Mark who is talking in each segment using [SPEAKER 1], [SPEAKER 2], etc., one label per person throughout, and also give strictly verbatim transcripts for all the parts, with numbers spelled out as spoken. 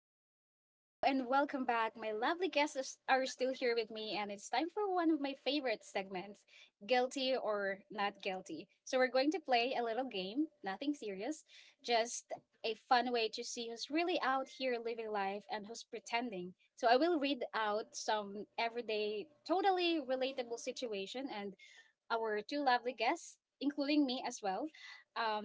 [SPEAKER 1] Hello, hello, and welcome back. My lovely guests is- are still here with me, and it's time for one of my favorite segments, Guilty or Not Guilty. So we're going to play a little game, nothing serious, just a fun way to see who's really out here living life and who's pretending. So I will read out some everyday, totally relatable situation, and our two lovely guests, including me as well, um,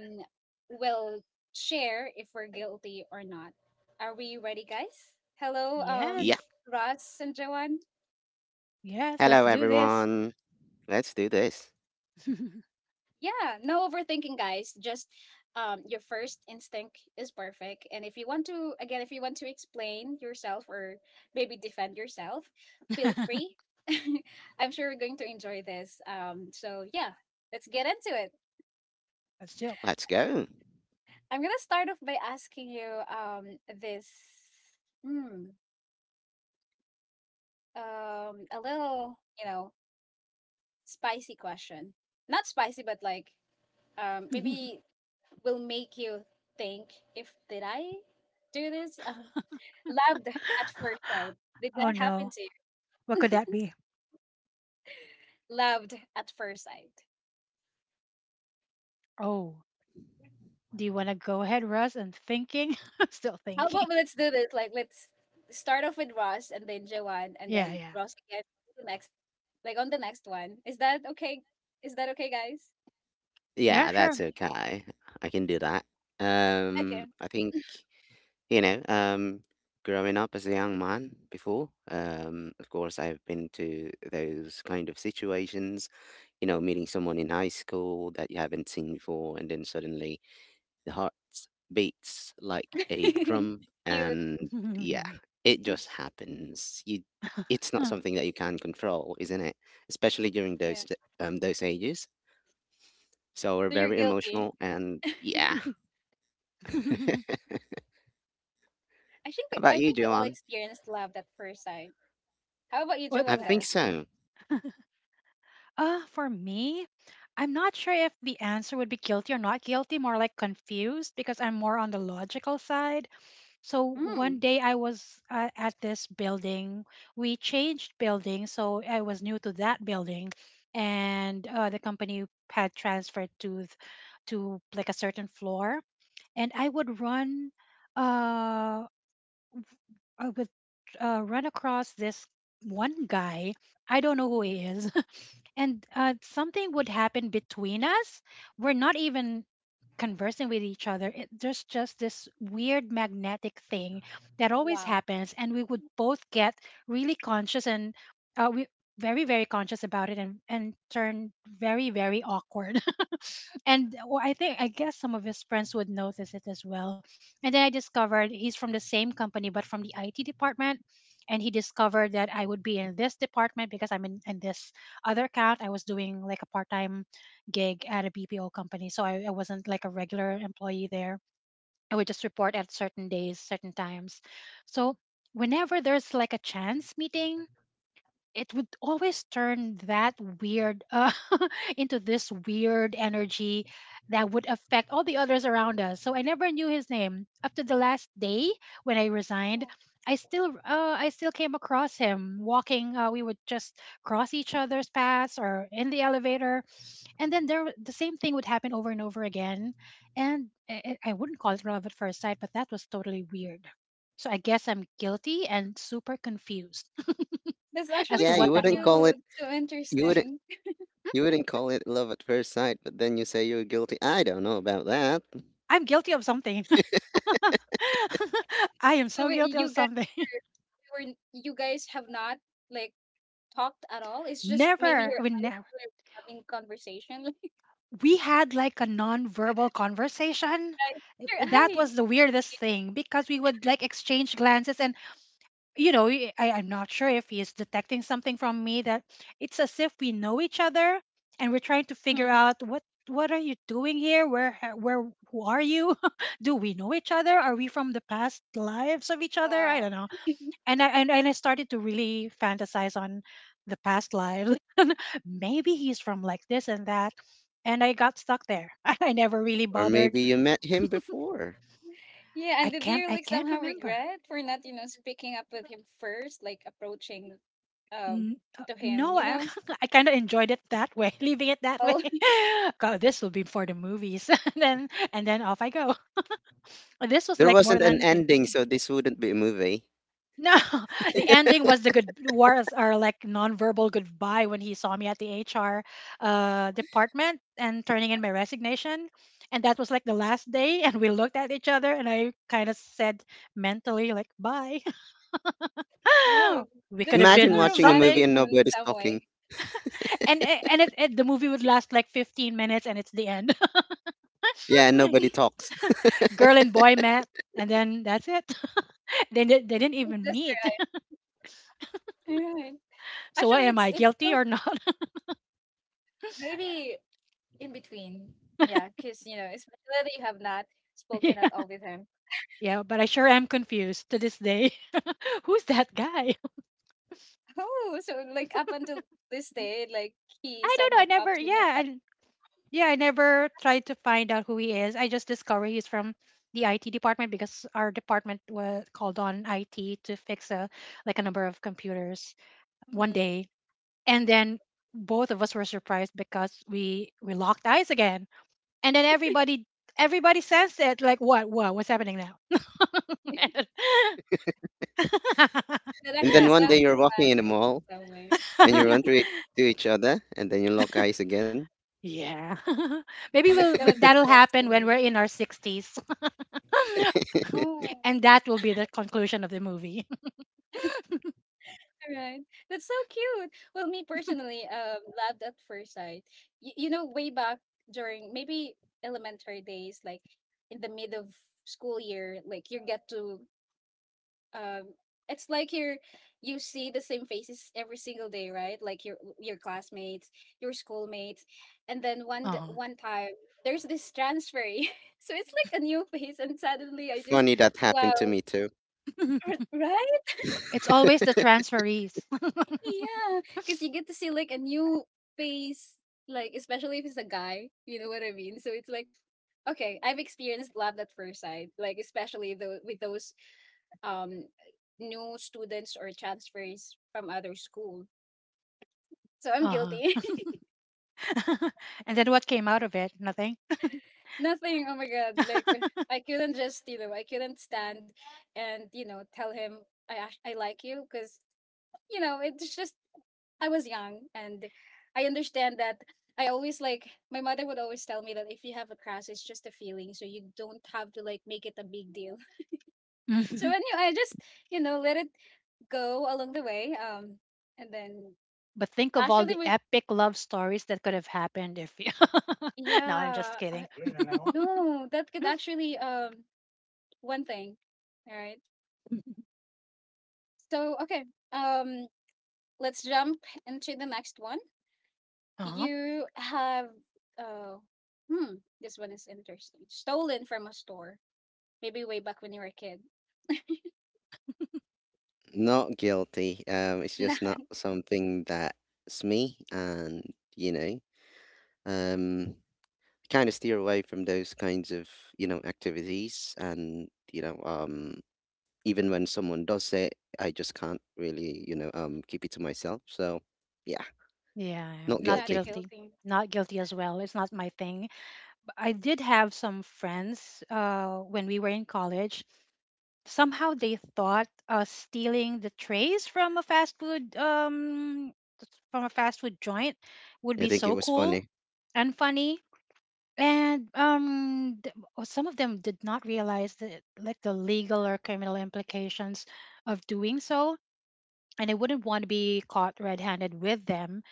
[SPEAKER 1] will share if we're guilty or not. Are we ready, guys? Hello,
[SPEAKER 2] Yeah.
[SPEAKER 1] um,
[SPEAKER 3] Yes.
[SPEAKER 1] Ross and Joanne.
[SPEAKER 3] Yes. Let's
[SPEAKER 2] Hello,
[SPEAKER 3] do this.
[SPEAKER 2] everyone. Let's do this.
[SPEAKER 1] Yeah, no overthinking, guys. Just um, your first instinct is perfect. And if you want to, again, if you want to explain yourself or maybe defend yourself, feel free. I'm sure we're going to enjoy this. Um, so, yeah, let's get into.
[SPEAKER 3] let's chill.
[SPEAKER 2] Let's go.
[SPEAKER 1] I'm gonna start off by asking you um this, mm, um a little you know spicy question. Not spicy, but like um maybe will make you think, if did I do this? Um, loved at first sight. Did
[SPEAKER 3] oh
[SPEAKER 1] that happen
[SPEAKER 3] no.
[SPEAKER 1] to you?
[SPEAKER 3] What could that be?
[SPEAKER 1] Loved at first sight.
[SPEAKER 3] Oh, do you want to go ahead, Russ? And thinking. I'm still
[SPEAKER 1] How
[SPEAKER 3] thinking.
[SPEAKER 1] about we- let's do this? Like let's start off with Ross and then Joanne and
[SPEAKER 3] Yeah.
[SPEAKER 1] then
[SPEAKER 3] Yeah.
[SPEAKER 1] Ross again the next, like on the next one. Is that okay? Is that okay, guys?
[SPEAKER 3] Yeah.
[SPEAKER 2] Yeah,
[SPEAKER 3] Sure.
[SPEAKER 2] that's okay. I can do that.
[SPEAKER 1] Okay.
[SPEAKER 2] Um, I think, you know, um, growing up as a young man before, um, of course, I've been to those kind of situations, you know, meeting someone in high school that you haven't seen before, and then suddenly the heart beats like a
[SPEAKER 1] Cute.
[SPEAKER 2] drum,
[SPEAKER 1] Yeah.
[SPEAKER 2] and yeah, it just happens. You, it's not something that you can control, isn't it? Especially during those um those ages. So we're
[SPEAKER 1] So you're
[SPEAKER 2] very
[SPEAKER 1] guilty.
[SPEAKER 2] emotional, and yeah. How
[SPEAKER 1] I think we,
[SPEAKER 2] about
[SPEAKER 1] I
[SPEAKER 2] you,
[SPEAKER 1] think we all
[SPEAKER 2] Joanne?
[SPEAKER 1] experienced love at first sight. How about you,
[SPEAKER 3] What's
[SPEAKER 2] I
[SPEAKER 1] Joanne,
[SPEAKER 2] think
[SPEAKER 3] that?
[SPEAKER 1] though?
[SPEAKER 2] so.
[SPEAKER 3] Uh, for me, I'm not sure if the answer would be guilty or not guilty, more like confused because I'm more on the logical side. so one
[SPEAKER 1] Hmm.
[SPEAKER 3] day I was uh, at this building. We changed building, so I was new to that building, and uh, the company had transferred to th- to like a certain floor, and I would run, uh, I would uh, run across this one guy. I don't know who
[SPEAKER 1] Mm.
[SPEAKER 3] he is, and uh, something would happen between us. We're not even conversing with each other, it, there's just this weird magnetic thing that always
[SPEAKER 1] Wow.
[SPEAKER 3] happens, and we would both get really conscious and uh, we very very conscious about it and and turn very very awkward, and well, i think i guess some of his friends would notice it as well. And then I discovered he's from the same company but from the IT department, and he discovered that I would be in this department because i'm in, in this other account. I was doing like a part-time gig at a B P O company. So I, I wasn't like a regular employee there. I would just report at certain days, certain times. So whenever there's like a chance meeting, it would always turn that weird uh, into this weird energy that would affect all the others around us. So I never knew his name up to the last day when I resigned.
[SPEAKER 1] Oh,
[SPEAKER 3] I still, uh, I still came across him walking. Uh, we would just cross each other's paths or in the elevator, and then there the same thing would happen over and over again. And i I- I wouldn't call it love at first sight, but that was totally weird. So I guess I'm guilty and super confused
[SPEAKER 1] that's
[SPEAKER 3] as
[SPEAKER 1] actually
[SPEAKER 3] to
[SPEAKER 2] Yeah, you
[SPEAKER 3] what
[SPEAKER 1] so
[SPEAKER 3] that
[SPEAKER 2] wouldn't call
[SPEAKER 3] was.
[SPEAKER 2] it.
[SPEAKER 1] cute. So
[SPEAKER 2] You wouldn't.
[SPEAKER 1] interesting.
[SPEAKER 2] You wouldn't call it love at first sight, but then you say you're guilty. I don't know about that.
[SPEAKER 3] I'm guilty of something. I am
[SPEAKER 1] So
[SPEAKER 3] so
[SPEAKER 1] wait,
[SPEAKER 3] guilty of
[SPEAKER 1] you guys
[SPEAKER 3] something.
[SPEAKER 1] were you guys have not like talked at all. It's just maybe
[SPEAKER 3] never
[SPEAKER 1] you're
[SPEAKER 3] we never,
[SPEAKER 1] having conversation.
[SPEAKER 3] we had like a non-verbal conversation.
[SPEAKER 1] Like
[SPEAKER 3] That
[SPEAKER 1] guys,
[SPEAKER 3] was
[SPEAKER 1] it's
[SPEAKER 3] the weirdest thing because we would like exchange glances and you know, I i am not sure if he is detecting something from me, that it's as if we know each other and we're trying to
[SPEAKER 1] your eyes.
[SPEAKER 3] figure
[SPEAKER 1] Hmm.
[SPEAKER 3] out what what are you doing here? Where ha- where Who are you? Do we know each other? Are we from the past lives of each other? I
[SPEAKER 1] Wow.
[SPEAKER 3] don't know. And I and, and I started to really fantasize on the past lives. Maybe he's from like this and that. And I got stuck there. I never really
[SPEAKER 2] Or
[SPEAKER 3] bothered.
[SPEAKER 2] maybe you met him before.
[SPEAKER 1] Yeah.
[SPEAKER 3] I
[SPEAKER 1] And did
[SPEAKER 3] can't
[SPEAKER 1] you
[SPEAKER 3] I
[SPEAKER 1] like
[SPEAKER 3] can't
[SPEAKER 1] somehow
[SPEAKER 3] remember.
[SPEAKER 1] regret for not you know speaking up with him first, like approaching um
[SPEAKER 3] Mm, uh,
[SPEAKER 1] to him?
[SPEAKER 3] no,
[SPEAKER 1] You
[SPEAKER 3] I,
[SPEAKER 1] know.
[SPEAKER 3] I kind of enjoyed it that way, leaving it that way.
[SPEAKER 1] Oh.
[SPEAKER 3] God, this will be for the movies, and then and then off I go. This was
[SPEAKER 2] There
[SPEAKER 3] like more
[SPEAKER 2] wasn't an
[SPEAKER 3] than
[SPEAKER 2] ending,
[SPEAKER 3] fifty.
[SPEAKER 2] so this wouldn't be a movie.
[SPEAKER 3] No, the ending was the good was our like nonverbal goodbye when he saw me at the H R uh, department and turning in my resignation, and that was like the last day. And we looked at each other, and I kind of said mentally like bye.
[SPEAKER 1] Wow,
[SPEAKER 3] We could
[SPEAKER 1] that's
[SPEAKER 3] have
[SPEAKER 1] not
[SPEAKER 2] Imagine
[SPEAKER 1] so
[SPEAKER 3] been
[SPEAKER 2] watching a movie
[SPEAKER 3] something.
[SPEAKER 1] romantic
[SPEAKER 2] and
[SPEAKER 1] in
[SPEAKER 2] nobody's
[SPEAKER 1] some
[SPEAKER 2] talking.
[SPEAKER 1] way.
[SPEAKER 3] and and it, it the movie would last like fifteen minutes and it's the end.
[SPEAKER 2] Yeah, and nobody talks.
[SPEAKER 3] Girl and boy met, and then that's it. They, di- they didn't
[SPEAKER 1] It's
[SPEAKER 3] even
[SPEAKER 1] just
[SPEAKER 3] meet.
[SPEAKER 1] right. Right.
[SPEAKER 3] So what
[SPEAKER 1] Actually,
[SPEAKER 3] am
[SPEAKER 1] it's
[SPEAKER 3] I,
[SPEAKER 1] it's
[SPEAKER 3] guilty
[SPEAKER 1] so
[SPEAKER 3] or not?
[SPEAKER 1] maybe in between. Yeah, because you know, especially that you have not spoken at
[SPEAKER 3] Yeah,
[SPEAKER 1] all with him.
[SPEAKER 3] yeah, but I sure am confused to this day. Who's that guy?
[SPEAKER 1] Oh, so like up until this day, like he
[SPEAKER 3] I don't know.
[SPEAKER 1] somehow
[SPEAKER 3] I never,
[SPEAKER 1] pops in your
[SPEAKER 3] yeah,
[SPEAKER 1] head.
[SPEAKER 3] and yeah, I never tried to find out who he is. I just discovered he's from the IT department because our department was called on it to fix a like a number of computers one
[SPEAKER 1] Hmm.
[SPEAKER 3] day. And then both of us were surprised because we we locked eyes again. And then everybody everybody sensed it like what what what's happening now?
[SPEAKER 1] That
[SPEAKER 2] And then
[SPEAKER 1] actually
[SPEAKER 2] one day
[SPEAKER 1] sounds
[SPEAKER 3] I d-
[SPEAKER 2] you're walking in a
[SPEAKER 1] romantic
[SPEAKER 2] mall
[SPEAKER 1] in some way,
[SPEAKER 2] and you run to, it, to each other and then you lock eyes again.
[SPEAKER 3] yeah maybe
[SPEAKER 1] and that's
[SPEAKER 3] we'll we'll-
[SPEAKER 1] gonna be
[SPEAKER 3] that'll happen when
[SPEAKER 1] destiny.
[SPEAKER 3] we're in our sixties.
[SPEAKER 1] Oh.
[SPEAKER 3] And that will be the conclusion of the movie.
[SPEAKER 1] Right. That's so cute. Well, me personally, um, loved at first sight. Y- you know, way back during maybe elementary days, like in the mid of school year, like you get to, um, it's like you're, you see the same faces every single day, right? Like your your classmates, your schoolmates, and then one d-
[SPEAKER 3] Uh-huh.
[SPEAKER 1] one time there's this transfer, so it's like a new face, and suddenly I just
[SPEAKER 2] Funny that
[SPEAKER 1] wow,
[SPEAKER 2] happened to me too.
[SPEAKER 1] right?
[SPEAKER 3] It's always the transferees.
[SPEAKER 1] Yeah, because you get to see like a new face, like especially if it's a guy, you know what I mean? So it's like, okay, I've experienced love at first sight, like especially the with those um new students or transfers from other school. So I'm
[SPEAKER 3] Uh-huh.
[SPEAKER 1] guilty.
[SPEAKER 3] And then what came out of it? Nothing.
[SPEAKER 1] Nothing. Oh my god! Like I couldn't just you know I couldn't stand and you know tell him I act- I like you because you know it's just I was young and I understand that I always like my mother would always tell me that if you have a crash it's just a feeling so you don't have to like make it a big deal. So
[SPEAKER 3] Mhm.
[SPEAKER 1] when you I just you know let it go along the way um and then
[SPEAKER 3] But think of all
[SPEAKER 1] actually
[SPEAKER 3] the
[SPEAKER 1] we
[SPEAKER 3] epic love stories that could have happened if you. No, I'm
[SPEAKER 1] yeah
[SPEAKER 3] just
[SPEAKER 1] I,
[SPEAKER 3] kidding.
[SPEAKER 1] wait on that one. No that could actually um one thing, all right, so okay, um let's jump into the next one.
[SPEAKER 3] Uh-huh.
[SPEAKER 1] You have uh hmm this one is interesting, stolen from a store. Maybe way back when you were a kid.
[SPEAKER 2] Not guilty. Um, it's just
[SPEAKER 1] Not
[SPEAKER 2] not something that's me and you know, um, kind of steer away from those kinds of you know activities and you know um even when someone does say it, I just can't really you know um keep it to myself, so yeah,
[SPEAKER 3] Yeah, I'm
[SPEAKER 2] not
[SPEAKER 3] not
[SPEAKER 1] not
[SPEAKER 2] guilty.
[SPEAKER 3] guilty.
[SPEAKER 1] guilty.
[SPEAKER 3] Not guilty as well. It's not my thing. I did have some friends uh, when we were in college. Somehow they thought uh, stealing the trays from a fast food um, from a fast food joint would
[SPEAKER 2] I
[SPEAKER 3] be
[SPEAKER 2] think it
[SPEAKER 3] so
[SPEAKER 2] was
[SPEAKER 3] cool
[SPEAKER 2] funny
[SPEAKER 3] and funny. And um, th- uh, some of them did not realize the like the legal or criminal implications of doing so, and I wouldn't want to be caught red-handed with them.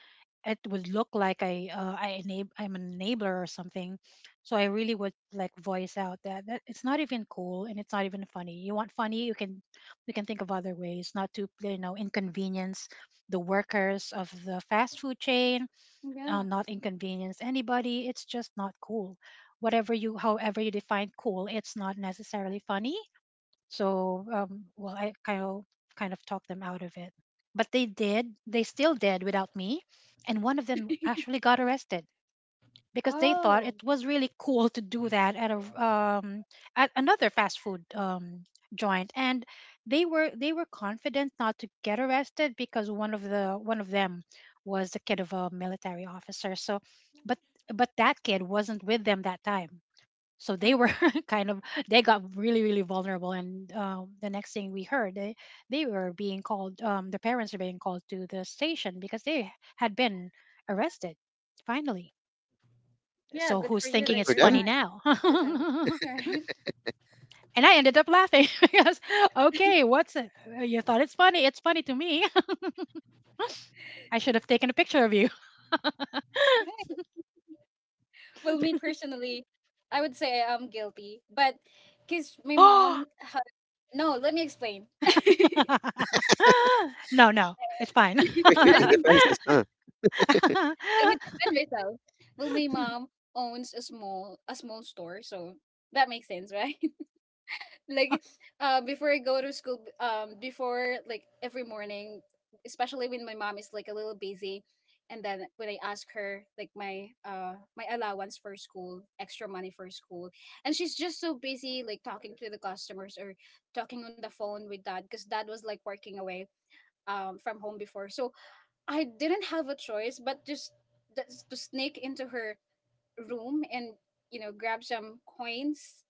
[SPEAKER 3] It would look like I uh, I enab- I'm an enabler or something. So I really would like voice out that, that it's not even cool and it's not even funny. You want funny, you can we can think of other ways, not to you know inconvenience the workers of the fast food chain, uh,
[SPEAKER 1] Yeah.
[SPEAKER 3] not inconvenience anybody. It's just not cool. Whatever you, however you define cool, it's not necessarily funny. So, um, well, I kind of kind of talked them out of it, but they did. They still did without me, and one of them actually got arrested because they thought it
[SPEAKER 1] Oh.
[SPEAKER 3] was really cool to do that at a um, at another fast food um, joint, and they were they were confident not to get arrested because one of the one of them was the kid of a military officer. So, but but that kid wasn't with them that time, so they were
[SPEAKER 1] Mm.
[SPEAKER 3] kind of, they got really really vulnerable. And um, the next thing we heard, they they were being called, um, the parents are being called to the station because they had been arrested finally.
[SPEAKER 1] Yeah,
[SPEAKER 3] So
[SPEAKER 1] good for
[SPEAKER 3] who's
[SPEAKER 1] you
[SPEAKER 2] but
[SPEAKER 3] thinking
[SPEAKER 1] that
[SPEAKER 3] it's
[SPEAKER 2] for
[SPEAKER 1] you're
[SPEAKER 2] them.
[SPEAKER 3] funny
[SPEAKER 1] not
[SPEAKER 3] now?
[SPEAKER 1] with them.
[SPEAKER 3] And
[SPEAKER 1] All right.
[SPEAKER 3] I ended up laughing because okay, what's it? Uh, you thought it's funny, it's funny to me. I should have taken a picture of you.
[SPEAKER 1] All right. Well, me personally, I would say I am guilty, but because my
[SPEAKER 3] Oh.
[SPEAKER 1] mom, ha- no, let me explain.
[SPEAKER 3] No, no, it's fine.
[SPEAKER 2] Quickly
[SPEAKER 1] Let
[SPEAKER 2] the
[SPEAKER 1] me,
[SPEAKER 2] defenses, huh?
[SPEAKER 1] let me defend myself. Well, my mom owns a small a small store, so that makes sense, right? Like uh before I go to school b- um before like every morning, especially when my mom is like a little busy, and then when I ask her like my uh my allowance for school, extra money for school, and she's just so busy like talking to the customers or talking on the phone with dad, because dad was like working away um from home before, so I didn't have a choice but just th- to sneak into her room and you know grab some coins,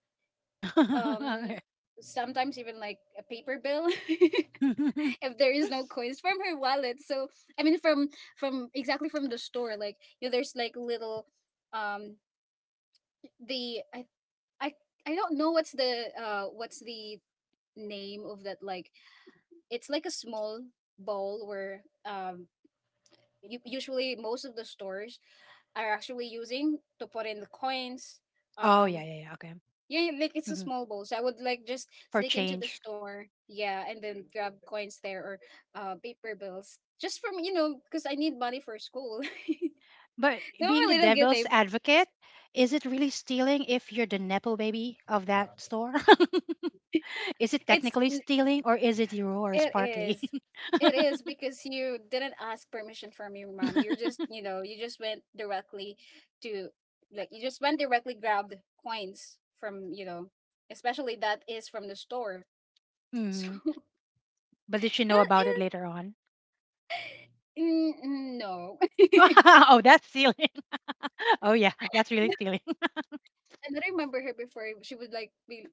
[SPEAKER 1] um
[SPEAKER 3] Okay.
[SPEAKER 1] sometimes even like a paper bill. If there is no coins from her wallet, so I mean from from exactly from the store, like you know there's like little, um the i i, I don't know what's the uh what's the name of that, like it's like a small bowl where um you, usually most of the stores are actually using to put in the coins.
[SPEAKER 3] Oh, yeah,
[SPEAKER 1] um
[SPEAKER 3] yeah, yeah. Okay.
[SPEAKER 1] Yeah, like it's a
[SPEAKER 3] Hmm.
[SPEAKER 1] small bowl. So I would like just
[SPEAKER 3] For
[SPEAKER 1] sneak into the
[SPEAKER 3] change.
[SPEAKER 1] store, yeah, and then grab coins there or uh paper bills, just from you know because I need money for school. So
[SPEAKER 3] But being
[SPEAKER 1] I'm a
[SPEAKER 3] the
[SPEAKER 1] little
[SPEAKER 3] devil's
[SPEAKER 1] guilty.
[SPEAKER 3] advocate, is it really stealing if you're the Nepo baby of that store? Is it
[SPEAKER 1] It's
[SPEAKER 3] technically
[SPEAKER 1] n-
[SPEAKER 3] stealing or is it yours
[SPEAKER 1] it
[SPEAKER 3] partly?
[SPEAKER 1] is. It is because you didn't ask permission from your mom. You're just, you know, you just went directly to, like you just went directly grabbed coins from, you know, especially that is from the store. So
[SPEAKER 3] Hmm. But did she know
[SPEAKER 1] that
[SPEAKER 3] about it
[SPEAKER 1] is
[SPEAKER 3] later on?
[SPEAKER 1] mm, mm, no.
[SPEAKER 3] Oh, that's stealing. Oh, yeah, that's really stealing.
[SPEAKER 1] And I remember her before, she would like be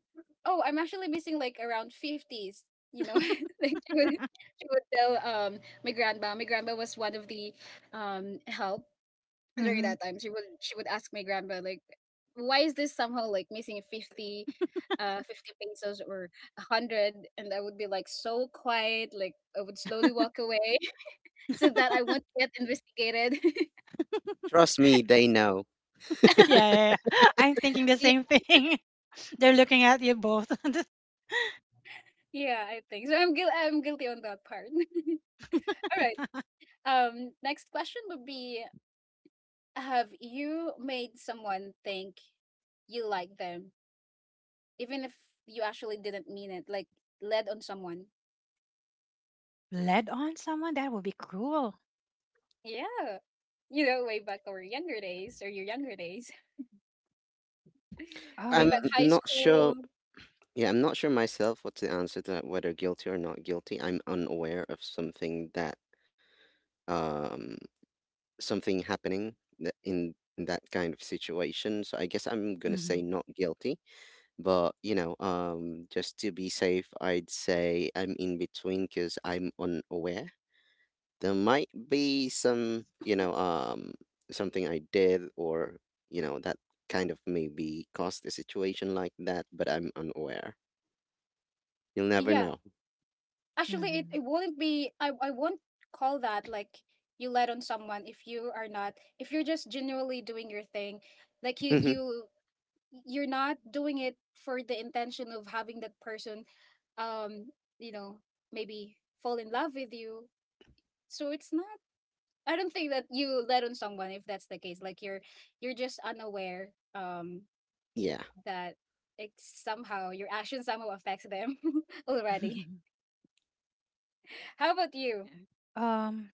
[SPEAKER 1] oh, I'm actually missing like around fifties, you know. Like she would she would tell um my grandma. My grandma was one of the um help during
[SPEAKER 3] Hmm.
[SPEAKER 1] that time. She would she would ask my grandma, like why is this somehow like missing fifty uh fifty pesos or one hundred, and I would be like so quiet, like I would slowly walk away so that I won't get investigated.
[SPEAKER 2] Trust me, they know.
[SPEAKER 3] Yeah, yeah, yeah. I'm thinking the
[SPEAKER 1] Yeah,
[SPEAKER 3] same thing. They're looking at you both.
[SPEAKER 1] yeah, I think so, i'm guil- I'm guilty on that part. All right. Um, next question would be, have you made someone think you like them, even if you actually didn't mean it? Like, led on someone?
[SPEAKER 3] Led on someone? That would be cruel.
[SPEAKER 1] Yeah. You know, way back our younger days or your younger days, way
[SPEAKER 2] I'm
[SPEAKER 1] back
[SPEAKER 3] Um,
[SPEAKER 1] high
[SPEAKER 2] not
[SPEAKER 1] school.
[SPEAKER 2] sure. Yeah, I'm not sure myself what to answer to that, whether guilty or not guilty. I'm unaware of something that, um something happening tha- in in that kind of situation. So I guess I'm gonna say
[SPEAKER 3] mhm,
[SPEAKER 2] not guilty, but you know, um, just to be safe, I'd say I'm in between because I'm unaware. There might be some, you know, um, something I did or you know that kind of maybe caused a situation like that, but I'm unaware. You'll never
[SPEAKER 1] Yeah.
[SPEAKER 2] know.
[SPEAKER 1] Actually, it, it
[SPEAKER 3] mhm.
[SPEAKER 1] wouldn't be, I, I won't call that like you led on someone if you are not, if you're just genuinely doing your thing. Like, you, you, you're not doing it for the intention of having that person um you know maybe fall in love with you, so it's not, I don't think that you let on someone if that's the case, like you're you're just unaware um
[SPEAKER 2] Yeah.
[SPEAKER 1] that it somehow, your action somehow affects them already. How about you?
[SPEAKER 3] Um,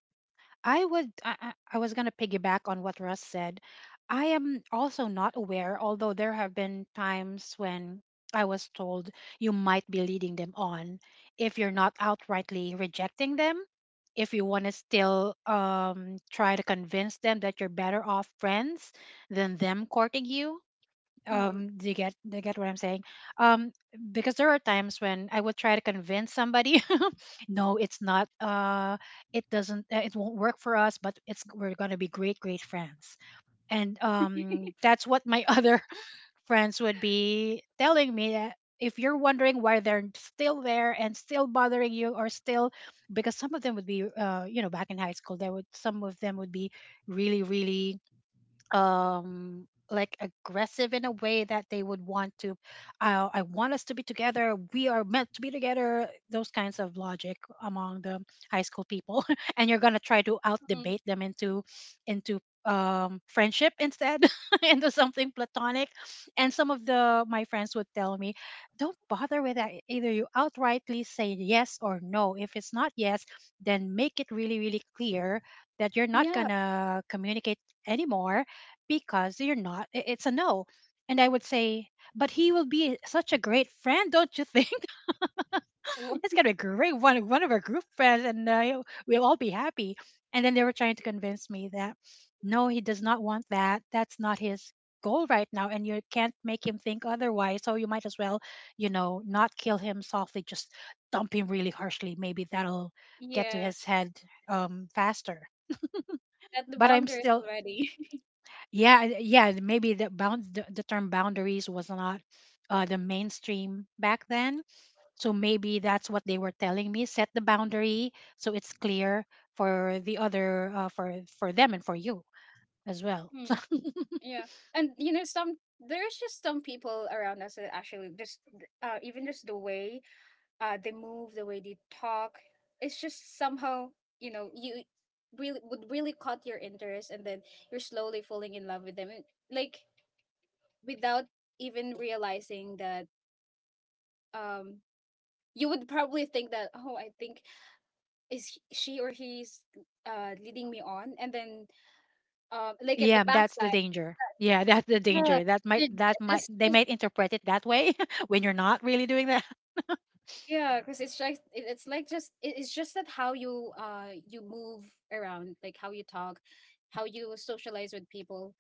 [SPEAKER 3] I would. I, I I was gonna piggyback on what Russ said. I am also not aware, although there have been times when I was told you might be leading them on if you're not outrightly rejecting them. If you want to still um, try to convince them that you're better off friends than them courting you,
[SPEAKER 1] Mm,
[SPEAKER 3] um do you get do you get what I'm saying? um because there are times when I would try to convince somebody no, it's not uh it doesn't uh, it won't work for us, but it's we're going to be great great friends. And um that's what my other friends would be telling me, that if you're wondering why they're still there and still bothering you or still, because some of them would be uh you know, back in high school, there would, some of them would be really really um like aggressive in a way that they would want to, I, I want us to be together, we are meant to be together, those kinds of logic among the high school people. And you're going to try to out
[SPEAKER 1] mm,
[SPEAKER 3] debate them into into um friendship instead, into something platonic. And some of the my friends would tell me, don't bother with that, either you outrightly say yes or no. If it's not yes, then make it really really clear that you're not
[SPEAKER 1] yeah.
[SPEAKER 3] going to communicate anymore, because you're not I- it's a no. And I would say, but he will be such a great friend, don't you think? It's
[SPEAKER 1] Wha-
[SPEAKER 3] gonna be great, one, one of our group friends, and uh, we'll all be happy. And then they were trying to convince me that no, he does not want that, that's not his goal right now, and you can't make him think otherwise. So you might as well, you know, not kill him softly, just dump him really harshly, maybe that'll get to
[SPEAKER 1] yeah.
[SPEAKER 3] his head um faster.
[SPEAKER 1] That the
[SPEAKER 3] But I'm
[SPEAKER 1] boundaries
[SPEAKER 3] still,
[SPEAKER 1] already.
[SPEAKER 3] yeah, and- yeah, and maybe the bound the, the term boundaries was not uh, the mainstream back then. So maybe that's what they were telling me, set the boundary so it's clear for the other, uh, for for them and for you as well. So
[SPEAKER 1] Mm, yeah, and you know some, there's just some people around us that actually just uh even just the way uh, they move, the way they talk. It's just somehow, you know, you really would really caught your interest, and then you're slowly falling in love with them, It- like without even realizing that. Um, you would probably think that, oh, I think is he- she or he's uh leading me on, and then um, like at the
[SPEAKER 3] yeah, that's the
[SPEAKER 1] backside,
[SPEAKER 3] danger. Yeah, that's the
[SPEAKER 1] yeah,
[SPEAKER 3] danger, that might
[SPEAKER 1] it-
[SPEAKER 3] that might
[SPEAKER 1] that's
[SPEAKER 3] they
[SPEAKER 1] just.
[SPEAKER 3] might interpret it that way. When you're not really doing that.
[SPEAKER 1] Yeah, because it's like it, it's like just it, it's just that how you uh you move around, like how you talk, how you socialize with people,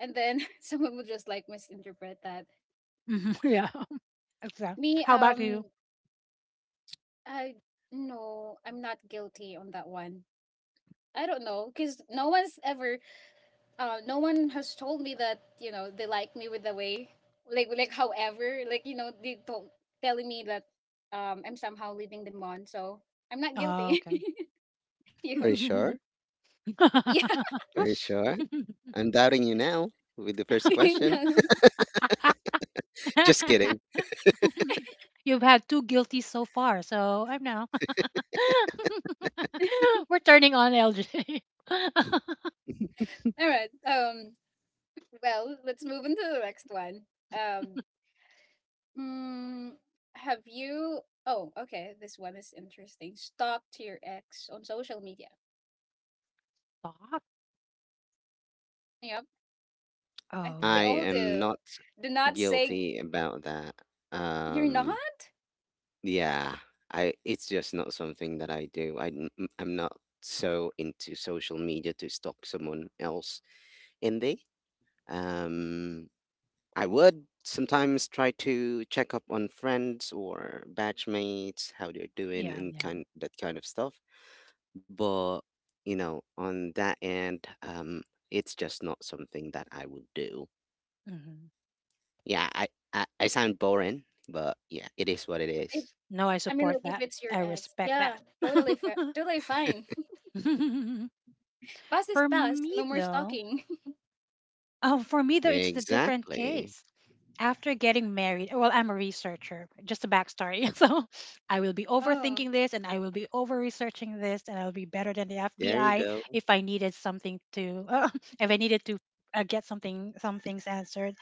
[SPEAKER 1] and then someone will just like misinterpret that.
[SPEAKER 3] Mhm, yeah. So
[SPEAKER 1] Me,
[SPEAKER 3] how about you?
[SPEAKER 1] um, I no, I'm not guilty on that one. I don't know, because no one's ever, uh, no one has told me that you know they like me with the way, like like however, like you know they told telling me that um I'm somehow leading them on, so I'm not
[SPEAKER 3] Oh,
[SPEAKER 1] guilty.
[SPEAKER 3] okay.
[SPEAKER 2] Are
[SPEAKER 1] You.
[SPEAKER 2] you sure? Are you sure? I'm doubting you now with the first question.
[SPEAKER 1] No.
[SPEAKER 2] Just kidding.
[SPEAKER 3] You've had two guilty so far, so I'm now. We're turning on L J.
[SPEAKER 1] All right. Um, well, let's move into the next one. Um, mm, have you? Oh, okay. This one is interesting. Stalked your ex on social media.
[SPEAKER 3] Stop.
[SPEAKER 1] Yep. I
[SPEAKER 3] Oh,
[SPEAKER 1] think we
[SPEAKER 2] I
[SPEAKER 1] all
[SPEAKER 2] am
[SPEAKER 1] do.
[SPEAKER 2] not
[SPEAKER 1] Do not say
[SPEAKER 2] guilty about that.
[SPEAKER 1] you're not.
[SPEAKER 2] Um, yeah, I it's just not something that I do. I n- n- I'm not so into social media to stalk someone else in there. Um, I would sometimes try to check up on friends or batchmates, how they're doing,
[SPEAKER 3] yeah,
[SPEAKER 2] and
[SPEAKER 3] yeah.
[SPEAKER 2] kind that kind of stuff. But you know, on that end, um, it's just not something that I would do.
[SPEAKER 3] Hmm.
[SPEAKER 2] Yeah, I, I I sound boring, but yeah, it is what it
[SPEAKER 1] If
[SPEAKER 2] is.
[SPEAKER 3] No, I
[SPEAKER 1] I mean,
[SPEAKER 3] support
[SPEAKER 1] like, if
[SPEAKER 3] that.
[SPEAKER 1] it's your
[SPEAKER 3] I
[SPEAKER 1] ex,
[SPEAKER 3] respect
[SPEAKER 1] yeah,
[SPEAKER 3] that.
[SPEAKER 1] totally, fa- totally fine. Past is
[SPEAKER 3] for
[SPEAKER 1] past.
[SPEAKER 3] me,
[SPEAKER 1] No more
[SPEAKER 3] though,
[SPEAKER 1] stalking.
[SPEAKER 3] oh, for me though, it's the different
[SPEAKER 2] Exactly.
[SPEAKER 3] case. After getting married, well, I'm a researcher, just a backstory. So I will be
[SPEAKER 1] Oh.
[SPEAKER 3] overthinking this, and I will be over researching this, and I'll be better than the
[SPEAKER 2] There you
[SPEAKER 3] F B I
[SPEAKER 2] go.
[SPEAKER 3] if I needed something to, if I needed to uh, get something, some things answered.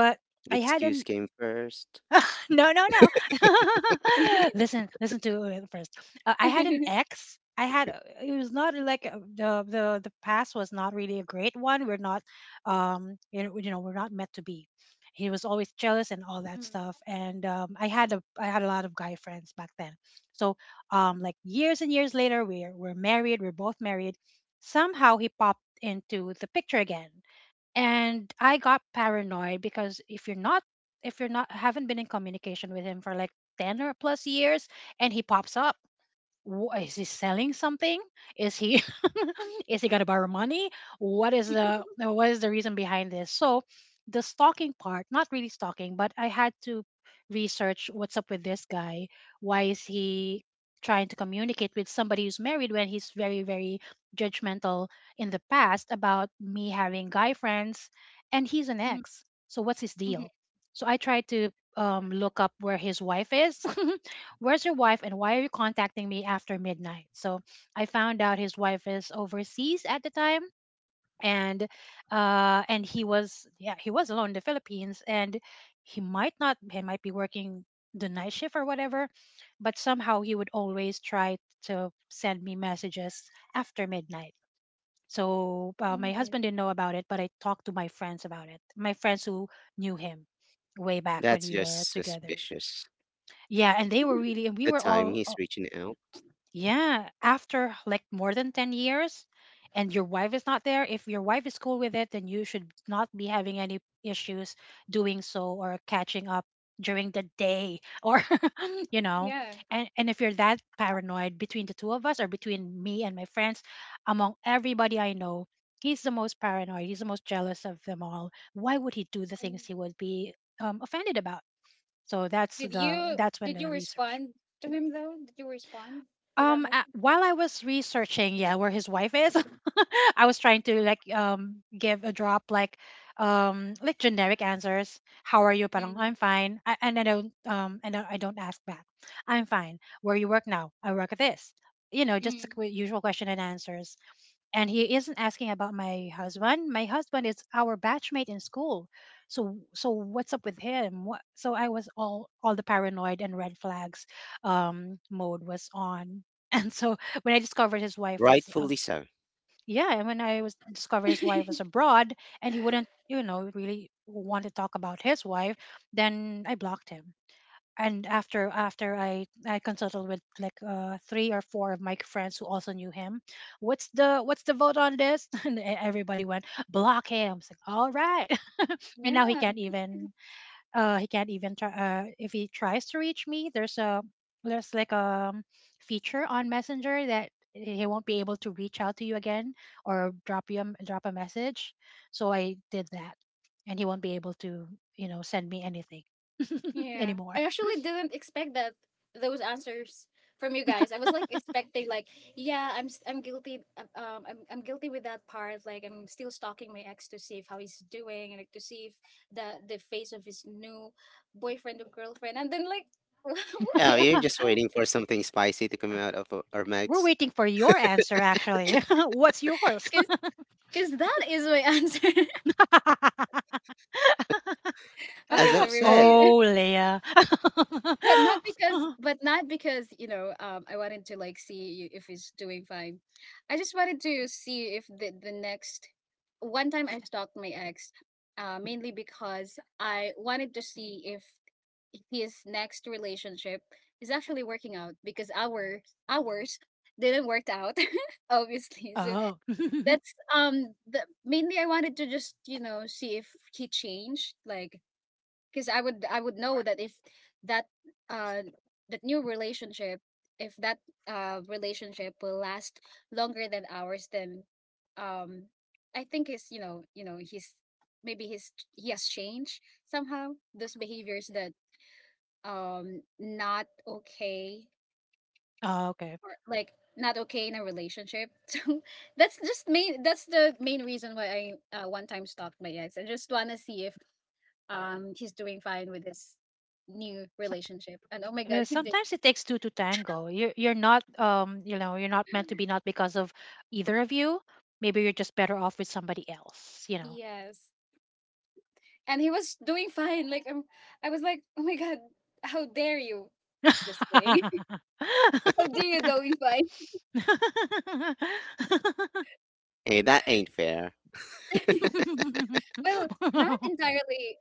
[SPEAKER 3] But
[SPEAKER 2] The
[SPEAKER 3] I had
[SPEAKER 2] excuse
[SPEAKER 3] an
[SPEAKER 2] came first.
[SPEAKER 3] No, no, no. Listen, listen to it first. Uh, I had an
[SPEAKER 1] Mhm,
[SPEAKER 3] ex. I had a- it was not like uh, the the the past was not really a great one. We're not um you know, you know we're not meant to be. He was always jealous and all that stuff. And um, I had a I had a lot of guy friends back then. So, um like years and years later, we're we're married. We're both married. Somehow he popped into the picture again, and I got paranoid, because if you're not if you're not haven't been in communication with him for like ten or plus years, and he pops up. Wh- is he selling something? Is he is he gonna borrow money? What is the uh, what is the reason behind this? So the stalking part, not really stalking, but I had to research what's up with this guy. Why is he trying to communicate with somebody who's married, when he's very, very judgmental in the past about me having guy friends, and he's an
[SPEAKER 1] mhm,
[SPEAKER 3] ex? So what's his
[SPEAKER 1] mhm,
[SPEAKER 3] deal? So I tried to um, look up where his wife is. Where's your wife, and why are you contacting me after midnight? So I found out his wife is overseas at the time, and uh and he was, yeah, he was alone in the Philippines. And he might not he might be working the night shift or whatever, but somehow he would always try to send me messages after midnight. So, uh, my
[SPEAKER 1] mhm.
[SPEAKER 3] husband didn't know about it, but I talked to my friends about it. My friends who knew him way back when
[SPEAKER 2] That's
[SPEAKER 3] we were
[SPEAKER 2] just
[SPEAKER 3] together.
[SPEAKER 2] suspicious.
[SPEAKER 3] Yeah, and they were really, and we
[SPEAKER 2] The
[SPEAKER 3] were
[SPEAKER 2] time
[SPEAKER 3] all.
[SPEAKER 2] he's reaching out.
[SPEAKER 3] Yeah, after like more than ten years, and your wife is not there, if your wife is cool with it, then you should not be having any issues doing so, or catching up during the day, or you know.
[SPEAKER 1] Yeah.
[SPEAKER 3] And and if you're that paranoid between the two of us, or between me and my friends, among everybody I know, he's the most paranoid, he's the most jealous of them all. Why would he do the things he would be um, offended about? So that's
[SPEAKER 1] Did
[SPEAKER 3] the
[SPEAKER 1] you,
[SPEAKER 3] that's when
[SPEAKER 1] did you
[SPEAKER 3] the research.
[SPEAKER 1] respond to him though? Did you respond to that
[SPEAKER 3] Um, a
[SPEAKER 1] message?
[SPEAKER 3] while I was researching, yeah, where his wife is, I was trying to like um give a drop, like um like generic answers. How are you? Parang
[SPEAKER 1] Mm,
[SPEAKER 3] I'm fine. I, and I don't um and I I don't ask back. I'm fine. Where you work now? I work at this. You know, just the
[SPEAKER 1] mm.
[SPEAKER 3] qu- usual question and answers. And he isn't asking about my husband. My husband is our batchmate in school. So so what's up with him? What, so I was all all the paranoid and red flags, um mode was on. And so when I discovered his wife was uh,
[SPEAKER 2] Rightfully so.
[SPEAKER 3] yeah, and when I was discovered his wife was abroad, and he wouldn't, you know, really want to talk about his wife, then I blocked him. And after after I I consulted with like uh three or four of my friends who also knew him, what's the what's the vote on this? And e- everybody went block him. It's like, all right, and now he
[SPEAKER 1] Yeah.
[SPEAKER 3] can't even, uh he can't even try, uh if he tries to reach me. There's a there's like a feature on Messenger that he won't be able to reach out to you again, or drop you a, drop a message. So I did that, and he won't be able to, you know send me anything
[SPEAKER 1] Yeah.
[SPEAKER 3] anymore.
[SPEAKER 1] I actually didn't expect that those answers from you guys. I was like expecting like, yeah, I'm s- I'm guilty, um um, I'm I'm guilty with that part. Like I'm still stalking my ex to see if how he's doing and like to see if the the face of his new boyfriend or girlfriend. And then like
[SPEAKER 2] Oh,
[SPEAKER 1] okay,
[SPEAKER 2] you're just waiting for something spicy to come out of o- our
[SPEAKER 3] We're
[SPEAKER 2] mouths.
[SPEAKER 3] waiting for your answer, actually. What's yours?
[SPEAKER 1] cuz cuz that is my answer.
[SPEAKER 2] As
[SPEAKER 1] Okay, so
[SPEAKER 2] I've
[SPEAKER 1] we
[SPEAKER 2] said,
[SPEAKER 1] really.
[SPEAKER 3] Oh, Leah.
[SPEAKER 1] But not because, but not because, you know, um, I wanted to like see if he's doing fine. I just wanted to see if the the next one time I stalked my ex. Uh, mainly because I wanted to see if his next relationship is actually working out because our ours didn't work out obviously. So
[SPEAKER 3] Oh.
[SPEAKER 1] that's um the, mainly I wanted to just you know see if he changed, like, because I would I would know that if that uh that new relationship, if that uh relationship will last longer than ours, then um I think is, you know you know he's, maybe he's he has changed somehow those behaviors that um not okay,
[SPEAKER 3] Oh, okay.
[SPEAKER 1] or like not okay in a relationship. So that's just main that's the main reason why I, uh, one time stalked my ex. I just wanna see if um he's doing fine with his new
[SPEAKER 3] So,
[SPEAKER 1] relationship, and oh my
[SPEAKER 3] I
[SPEAKER 1] god,
[SPEAKER 3] mean,
[SPEAKER 1] he did.
[SPEAKER 3] sometimes it takes two to tango. You're you're not, um you know you're not meant to be, not because of either of you. Maybe you're just better off with somebody else. You know.
[SPEAKER 1] Yes, and he was doing fine, like, um, I was like, oh my god, how dare you. Just kidding. How dare you doing fine.
[SPEAKER 2] hey, that ain't fair.
[SPEAKER 1] Well, not entirely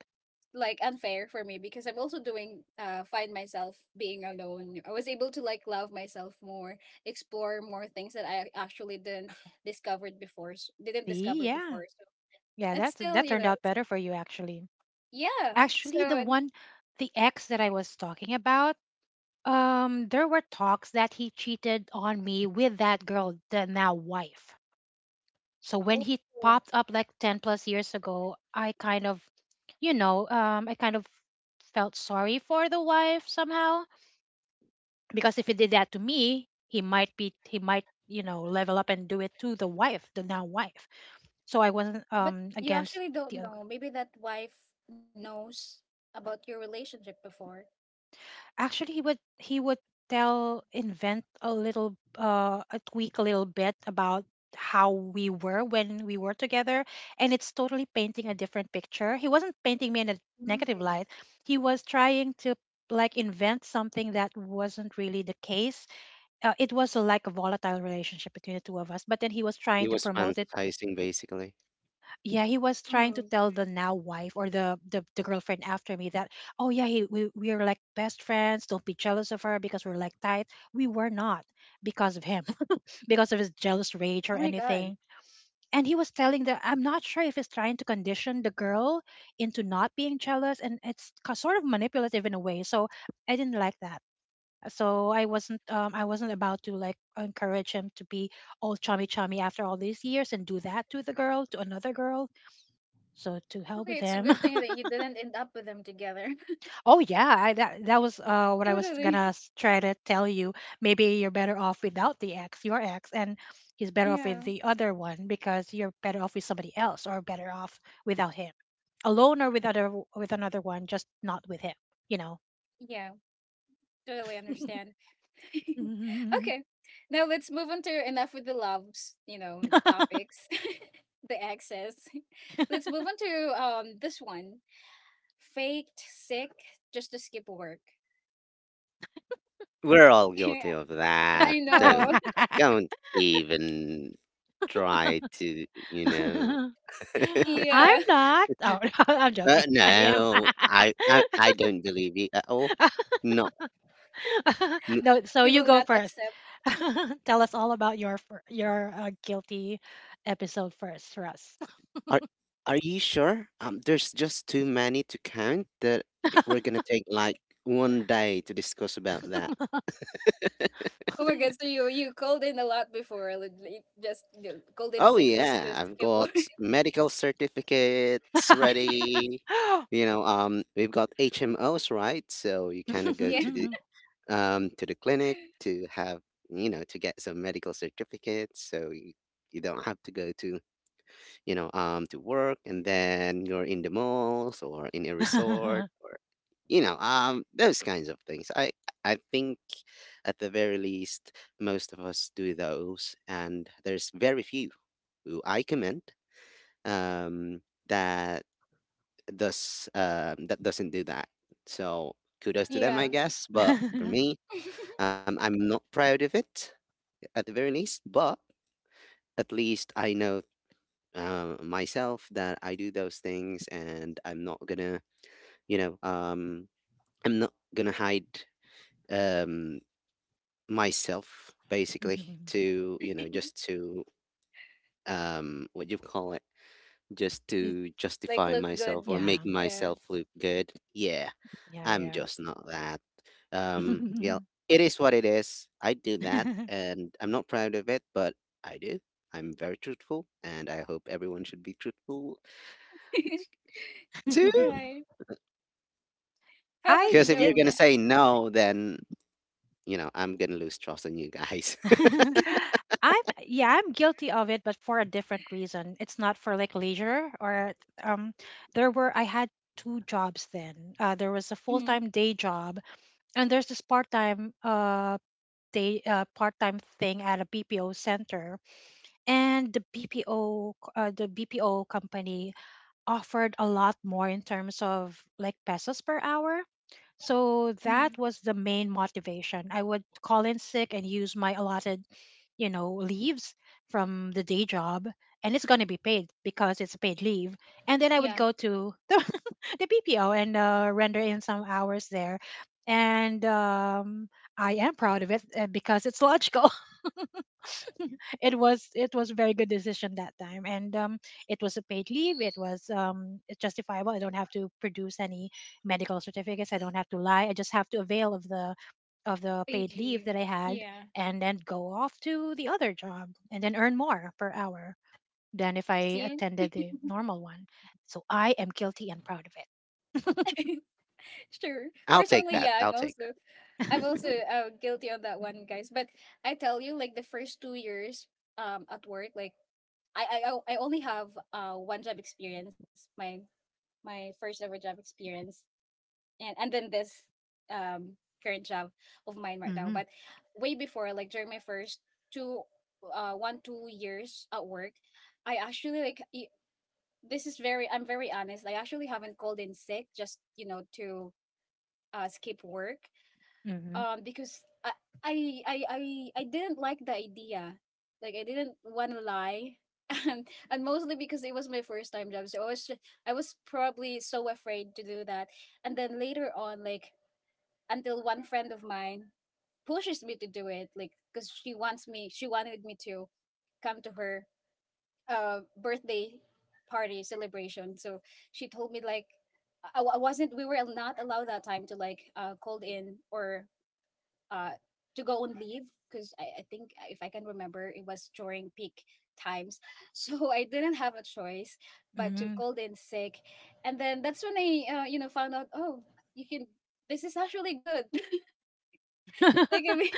[SPEAKER 1] like unfair for me, because I'm also doing, uh find myself being alone, I was able to like love myself more, explore more things that I actually didn't discovered before s- didn't
[SPEAKER 3] See,
[SPEAKER 1] discover
[SPEAKER 3] yeah,
[SPEAKER 1] before. So
[SPEAKER 3] yeah,
[SPEAKER 1] that's
[SPEAKER 3] that's
[SPEAKER 1] still,
[SPEAKER 3] that
[SPEAKER 1] you
[SPEAKER 3] turned
[SPEAKER 1] know.
[SPEAKER 3] out better for you actually.
[SPEAKER 1] Yeah,
[SPEAKER 3] Actually, the
[SPEAKER 1] so.
[SPEAKER 3] one, the ex that I was talking about, um, there were talks that he cheated on me with that girl, the now wife. So when he
[SPEAKER 1] Oh.
[SPEAKER 3] popped up like ten plus years ago, I kind of, you know, um, I kind of felt sorry for the wife somehow. Because if he did that to me, he might be he might, you know level up and do it to the wife, the now wife. So I wasn't,
[SPEAKER 1] But
[SPEAKER 3] um
[SPEAKER 1] you
[SPEAKER 3] against
[SPEAKER 1] actually
[SPEAKER 3] the
[SPEAKER 1] don't
[SPEAKER 3] other
[SPEAKER 1] know.
[SPEAKER 3] girl.
[SPEAKER 1] Maybe that wife knows about your relationship before.
[SPEAKER 3] Actually, he would he would tell, invent a little uh a tweak a little bit about how we were when we were together, and it's totally painting a different picture. He wasn't painting me in a
[SPEAKER 1] Mm.
[SPEAKER 3] negative light. He was trying to like invent something that wasn't really the case. uh, it was a, like a volatile relationship between the two of us, but then he was trying
[SPEAKER 2] He
[SPEAKER 3] to
[SPEAKER 2] was
[SPEAKER 3] promote it.
[SPEAKER 2] fantasizing, basically.
[SPEAKER 3] Yeah, he was trying to
[SPEAKER 1] Mm.
[SPEAKER 3] tell the now wife, or the the, the girlfriend after me, that oh yeah, he, we, we are like best friends, don't be jealous of her, because we're like tight. We were not, because of him. Because of his jealous rage or
[SPEAKER 1] Oh my God.
[SPEAKER 3] anything. And he was telling that, I'm not sure if he's trying to condition the girl into not being jealous, and it's ca- sort of manipulative in a way. So I didn't like that. So I wasn't um, I wasn't about to like encourage him to be all chummy chummy after all these years, and do that to the girl, to another girl. So to hell
[SPEAKER 1] Really,
[SPEAKER 3] with
[SPEAKER 1] it's a
[SPEAKER 3] him.
[SPEAKER 1] good thing that you didn't end up with them together.
[SPEAKER 3] Oh yeah, I, that that was uh, what I was
[SPEAKER 1] Totally.
[SPEAKER 3] gonna s- try to tell you. Maybe you're better off without the ex, your ex, and he's better off with
[SPEAKER 1] Yeah.
[SPEAKER 3] the other one, because you're better off with somebody else, or better off without him, alone or with other with another one, just not with him. You know.
[SPEAKER 1] Yeah. Totally understand. Okay. Now let's move on to, enough with the loves, you know, topics, the access. Let's move on to um this one. Faked sick just to skip work.
[SPEAKER 2] We're all
[SPEAKER 1] Yeah,
[SPEAKER 2] guilty of that.
[SPEAKER 1] I know.
[SPEAKER 2] Don't, don't even try to, you know.
[SPEAKER 3] I'm
[SPEAKER 1] Yeah.
[SPEAKER 3] not. Oh, I'm
[SPEAKER 2] Uh,
[SPEAKER 3] joking. I am.
[SPEAKER 2] no, I, I I don't believe you at all. No, n-
[SPEAKER 3] No, so
[SPEAKER 1] We
[SPEAKER 3] you
[SPEAKER 1] will
[SPEAKER 3] go
[SPEAKER 1] not
[SPEAKER 3] first.
[SPEAKER 1] accept.
[SPEAKER 3] Tell us all about your fir- your uh, guilty episode first, Russ.
[SPEAKER 2] are are you sure? Um, there's just too many to count that i- we're gonna take like one day to discuss about that.
[SPEAKER 1] Oh my god, so you you called in a lot before, like, like, just you know, called in
[SPEAKER 2] Oh
[SPEAKER 1] sick just
[SPEAKER 2] yeah,
[SPEAKER 1] to
[SPEAKER 2] I've
[SPEAKER 1] skip
[SPEAKER 2] got
[SPEAKER 1] over.
[SPEAKER 2] medical certificates ready. You know, um, we've got H M Os, right? So you kind of go
[SPEAKER 1] Yeah,
[SPEAKER 2] to the um to the clinic to have you know to get some medical certificates, so you, you don't have to go to you know, um, to work, and then you're in the malls or in a resort, or you know, um, those kinds of things. I I think at the very least, most of us do those, and there's very few who I commend, um, that does um, that doesn't do that. So kudos to them,
[SPEAKER 1] yeah,
[SPEAKER 2] I guess. But for me, um, I'm not proud of it at the very least, but at least I know, uh, myself, that I do those things, and I'm not gonna, you know, um, I'm not gonna hide, um, myself, basically, to, you know, just to, um, what you call it, just to
[SPEAKER 1] like
[SPEAKER 2] justify
[SPEAKER 1] look
[SPEAKER 2] myself
[SPEAKER 1] good.
[SPEAKER 2] or
[SPEAKER 3] Yeah,
[SPEAKER 2] make
[SPEAKER 1] Yeah,
[SPEAKER 2] myself look good. Yeah, I'm
[SPEAKER 3] yeah,
[SPEAKER 2] just not that.
[SPEAKER 3] yeah.
[SPEAKER 2] Um, yeah, it is what it is. I do that and I'm not proud of it, but I do. I'm very truthful and I hope everyone should be truthful too.
[SPEAKER 1] right. How about
[SPEAKER 3] I
[SPEAKER 1] you,
[SPEAKER 2] Because if you're
[SPEAKER 3] did.
[SPEAKER 2] gonna
[SPEAKER 1] Joan?
[SPEAKER 2] say no, then you know I'm gonna lose trust in you guys.
[SPEAKER 3] I'm yeah, I'm guilty of it, but for a different reason. It's not for like leisure or um there were I had two jobs then. Uh there was a
[SPEAKER 1] Mm,
[SPEAKER 3] full-time day job, and there's this part-time uh day uh part-time thing at a B P O center, and the B P O uh, the B P O company offered a lot more in terms of like pesos per hour. So that
[SPEAKER 1] mm,
[SPEAKER 3] was the main motivation. I would call in sick and use my allotted, you know, leaves from the day job, and it's going to be paid because it's a paid leave. And then I would
[SPEAKER 1] yeah,
[SPEAKER 3] go to the, the P P O and, uh, render in some hours there. And um, I am proud of it, uh, because it's logical. it was it was a very good decision that time. And um, it was a paid leave, it was um, justifiable. I don't have to produce any medical certificates, I don't have to lie, I just have to avail of the of the
[SPEAKER 1] paid
[SPEAKER 3] paid leave
[SPEAKER 1] leave.
[SPEAKER 3] that I had,
[SPEAKER 1] Yeah,
[SPEAKER 3] and then go off to the other job and then earn more per hour than if I
[SPEAKER 1] see,
[SPEAKER 3] attended the normal one. So I am guilty and proud of it.
[SPEAKER 1] sure.
[SPEAKER 2] I'll take
[SPEAKER 1] Personally,
[SPEAKER 2] that.
[SPEAKER 1] yeah, I'm
[SPEAKER 2] I'll take that.
[SPEAKER 1] also I'm also uh, guilty on that one, guys. But I tell you, like the first two years um at work, like I I I only have uh one job experience, my my first ever job experience, and and then this um current job of mine right now.
[SPEAKER 3] Mm-hmm.
[SPEAKER 1] But way before, like during my first two, uh, one two years at work, I actually like y- this is very I'm very honest. I actually haven't called in sick just you know to uh skip work
[SPEAKER 3] Hmm.
[SPEAKER 1] um because I I I I, I didn't like the idea. Like I didn't want to lie. And, and mostly because it was my first time job, so i was ju- I was probably so afraid to do that. And then later on, like, until one friend of mine pushes me to do it, like because she wants me she wanted me to come to her uh birthday party celebration. So she told me, like, I, I wasn't, we were not allowed that time to like uh called in or uh to go on leave because I, I think if I can remember, it was during peak times. So I didn't have a choice but to
[SPEAKER 3] Hmm.
[SPEAKER 1] call in sick. And then that's when I, uh, you know, found out, oh, you can, this is actually good. Like I mean,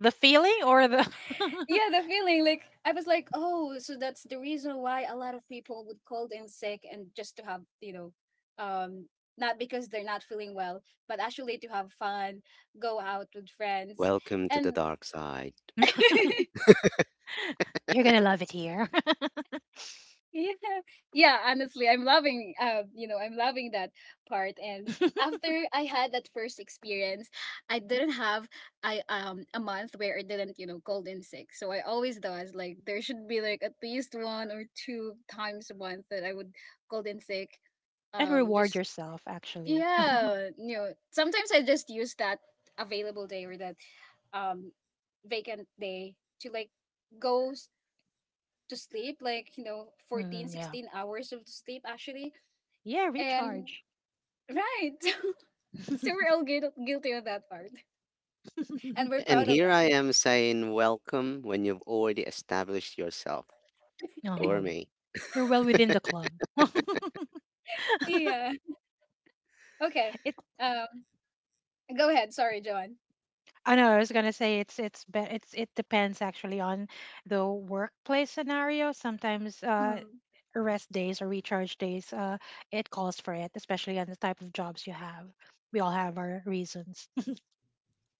[SPEAKER 3] The feeling or the
[SPEAKER 1] yeah, the feeling, like, I was like, oh, so that's the reason why a lot of people would call in sick and just to have, you know, um not because they're not feeling well, but actually to have fun, go out with friends.
[SPEAKER 2] Welcome to the
[SPEAKER 1] And
[SPEAKER 2] dark side.
[SPEAKER 3] you're gonna love it here.
[SPEAKER 1] yeah, yeah, honestly, I'm loving, uh, you know, I'm loving that part. And after I had that first experience, I didn't have I um a month where I didn't, you know, called in sick. So I always does, like there should be like at least one or two times a month that I would called in sick.
[SPEAKER 3] And
[SPEAKER 1] Um
[SPEAKER 3] reward
[SPEAKER 1] just
[SPEAKER 3] yourself, actually.
[SPEAKER 1] yeah, you know, sometimes I just use that available day, or that um vacant day, to like go to sleep, like, you know, fourteen,
[SPEAKER 3] Mhm, yeah,
[SPEAKER 1] sixteen hours of sleep actually.
[SPEAKER 3] yeah,
[SPEAKER 1] And
[SPEAKER 3] recharge.
[SPEAKER 1] right. So we're all guil- guilty of that part. And we're
[SPEAKER 2] And
[SPEAKER 1] proud of
[SPEAKER 2] here
[SPEAKER 1] that.
[SPEAKER 2] I am saying welcome when you've already established yourself for
[SPEAKER 3] um,
[SPEAKER 2] me.
[SPEAKER 3] you're well within the club.
[SPEAKER 1] Yeah. Okay.
[SPEAKER 3] it.
[SPEAKER 1] Um Go ahead. Sorry, John.
[SPEAKER 3] I know. I was gonna say, it's it's be, it's it depends actually on the workplace scenario. Sometimes, uh,
[SPEAKER 1] Mm,
[SPEAKER 3] rest days or recharge days, uh, it calls for it, especially on the type of jobs you have. We all have our reasons.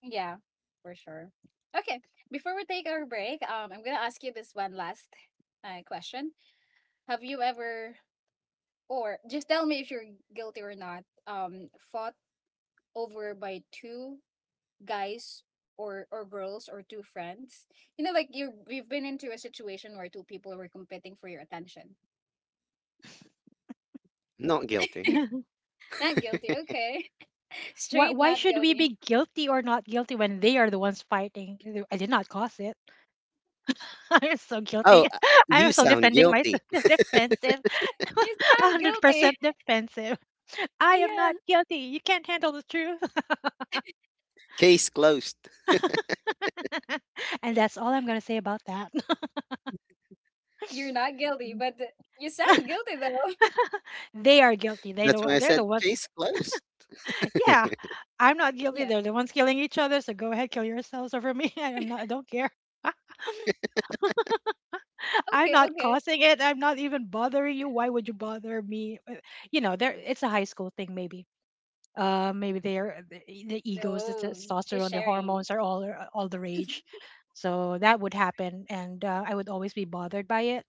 [SPEAKER 1] yeah, for sure. Okay. Before we take our break, um I'm gonna ask you this one last uh, question. Have you ever, or just tell me if you're guilty or not, um, fought over by two guys, or or girls, or two friends, you know, like you, we've been into a situation where two people were competing for your attention.
[SPEAKER 2] Not guilty.
[SPEAKER 1] Not guilty. Okay.
[SPEAKER 3] why,
[SPEAKER 1] Straight
[SPEAKER 3] Why
[SPEAKER 1] not
[SPEAKER 3] should we
[SPEAKER 1] guilty.
[SPEAKER 3] be guilty or not guilty, when they are the ones fighting? I did not cause it. I'm so guilty.
[SPEAKER 2] Oh, uh, you
[SPEAKER 3] I'm so
[SPEAKER 2] sound
[SPEAKER 3] defending
[SPEAKER 2] guilty.
[SPEAKER 3] myself. Defensive.
[SPEAKER 1] You sound guilty.
[SPEAKER 3] one hundred percent defensive. I am
[SPEAKER 1] Yeah.
[SPEAKER 3] not guilty. You can't handle the truth.
[SPEAKER 2] Case closed.
[SPEAKER 3] And that's all I'm going to say about that.
[SPEAKER 1] You're not guilty but you sound guilty though.
[SPEAKER 3] they are guilty. They the,
[SPEAKER 2] That's why
[SPEAKER 3] one-
[SPEAKER 2] I
[SPEAKER 3] they're the
[SPEAKER 2] said
[SPEAKER 3] ones.
[SPEAKER 2] case closed.
[SPEAKER 3] Yeah, I'm not guilty.
[SPEAKER 1] Yeah.
[SPEAKER 3] They're the ones killing each other. So go ahead, kill yourselves over me. I'm not. I don't care. I'm
[SPEAKER 1] Okay,
[SPEAKER 3] not
[SPEAKER 1] okay.
[SPEAKER 3] causing it. I'm not even bothering you. Why would you bother me? Uh, You know, there. It's a high school thing, maybe. Uh, maybe their the, e, the egos, the
[SPEAKER 1] No, she's
[SPEAKER 3] testosterone, the
[SPEAKER 1] sharing.
[SPEAKER 3] hormones are all, uh, all the rage. So that would happen, and, uh, I would always be bothered by it.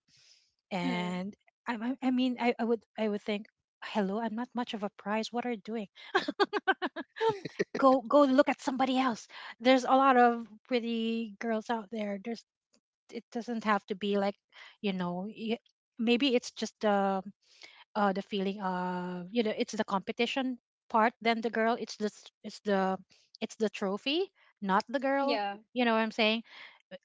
[SPEAKER 1] Mm,
[SPEAKER 3] And, I, I I mean, I, I would I would think, hello, I'm not much of a prize. What are you doing? go go look at somebody else. There's a lot of pretty girls out there. There's It doesn't have to be like, you know, y- maybe it's just the uh, the feeling of, you know, it's the competition part, then the girl, it's the s- it's the it's the trophy, not the girl.
[SPEAKER 1] yeah.
[SPEAKER 3] You know what I'm saying. Uh,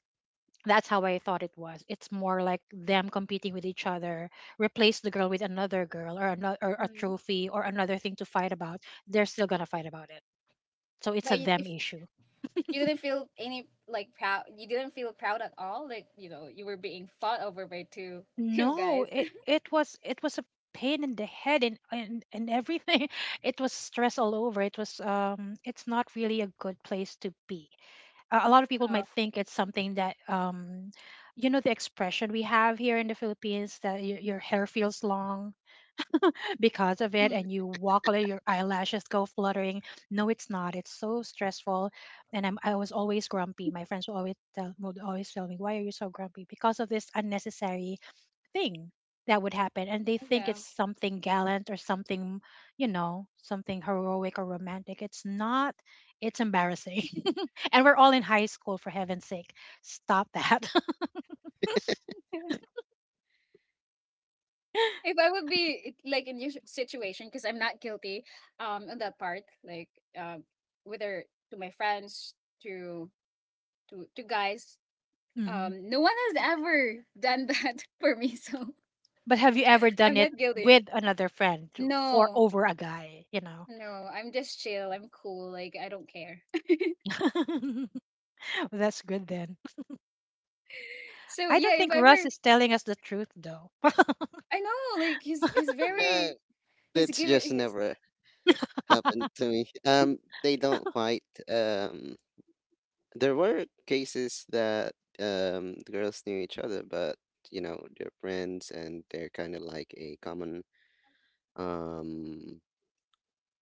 [SPEAKER 3] that's how I thought it was. It's more like them competing with each other. Replace the girl with another girl, or another, or a
[SPEAKER 1] Mm.
[SPEAKER 3] trophy, or another thing to fight about. They're still gonna fight about it, so it's a
[SPEAKER 1] But you,
[SPEAKER 3] them
[SPEAKER 1] if
[SPEAKER 3] issue.
[SPEAKER 1] you didn't feel any like proud, you didn't feel proud at all, like, you know, you were being fought over by two two
[SPEAKER 3] No,
[SPEAKER 1] guys.
[SPEAKER 3] it, it was it was a pain in the head and, and, and everything. It was stress all over. It was um it's not really a good place to be. A a lot of people
[SPEAKER 1] Uh,
[SPEAKER 3] might think it's something that, um you know, the expression we have here in the Philippines, that your, your hair feels long. Because of it,
[SPEAKER 1] mm,
[SPEAKER 3] and you walk away, your eyelashes go fluttering. No, it's not, it's so stressful. And I'm, I was always grumpy. My friends would always tell would always tell me, why are you so grumpy because of this unnecessary thing that would happen. And they
[SPEAKER 1] yeah.
[SPEAKER 3] think it's something gallant, or something, you know, something heroic or romantic. It's not, it's embarrassing. And we're all in high school, for heaven's sake, stop that.
[SPEAKER 1] If I would be it- like in your s- situation, because I'm not guilty um on that part, like um whether to my friends, to to to guys,
[SPEAKER 3] Hmm,
[SPEAKER 1] um no one has ever done that for me, so.
[SPEAKER 3] but have you ever done
[SPEAKER 1] I'm
[SPEAKER 3] it
[SPEAKER 1] not guilty.
[SPEAKER 3] with another friend for
[SPEAKER 1] No,
[SPEAKER 3] over a guy, you know?
[SPEAKER 1] no, I'm just chill. I'm cool. Like I don't care.
[SPEAKER 3] That's good, then.
[SPEAKER 1] So
[SPEAKER 3] I don't
[SPEAKER 1] yeah, if
[SPEAKER 3] think
[SPEAKER 1] I
[SPEAKER 3] Russ
[SPEAKER 1] were,
[SPEAKER 3] is telling us the truth, though.
[SPEAKER 1] I know, like he's he's
[SPEAKER 2] No.
[SPEAKER 1] very, he's
[SPEAKER 2] That's
[SPEAKER 1] given.
[SPEAKER 2] just
[SPEAKER 1] He's.
[SPEAKER 2] never happened to me. Um, they don't fight. Um, there were cases that um the girls knew each other, but you know they're friends and they're kind of like a common um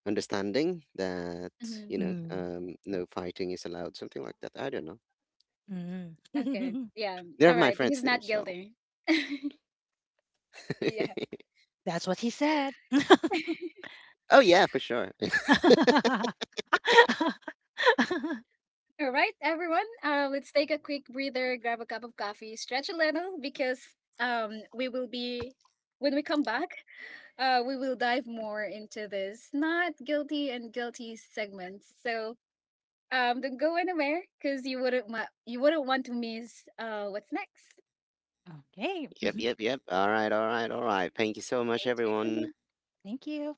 [SPEAKER 2] understanding that you
[SPEAKER 1] Mhm.
[SPEAKER 2] know
[SPEAKER 3] Mm,
[SPEAKER 2] um no fighting is allowed, something like that. I don't know.
[SPEAKER 3] mm.
[SPEAKER 1] Okay, yeah,
[SPEAKER 2] They're
[SPEAKER 1] all
[SPEAKER 2] my
[SPEAKER 1] right.
[SPEAKER 2] friends
[SPEAKER 1] He's
[SPEAKER 2] too,
[SPEAKER 1] not
[SPEAKER 2] so.
[SPEAKER 1] guilty. Yeah.
[SPEAKER 3] That's what he said.
[SPEAKER 2] Oh yeah, for sure.
[SPEAKER 3] Okay.
[SPEAKER 1] All right, everyone. Uh, let's take a quick breather, grab a cup of coffee, stretch a little, because um, we will be when we come back. Uh, we will dive more into this not guilty and guilty segments. So um, don't go anywhere, because you wouldn't ma- you wouldn't want to miss uh what's next.
[SPEAKER 2] Yep, yep, yep. All right, all right, all right. Thank you so much,
[SPEAKER 1] Stay
[SPEAKER 2] everyone.
[SPEAKER 1] tuned.
[SPEAKER 3] Thank you.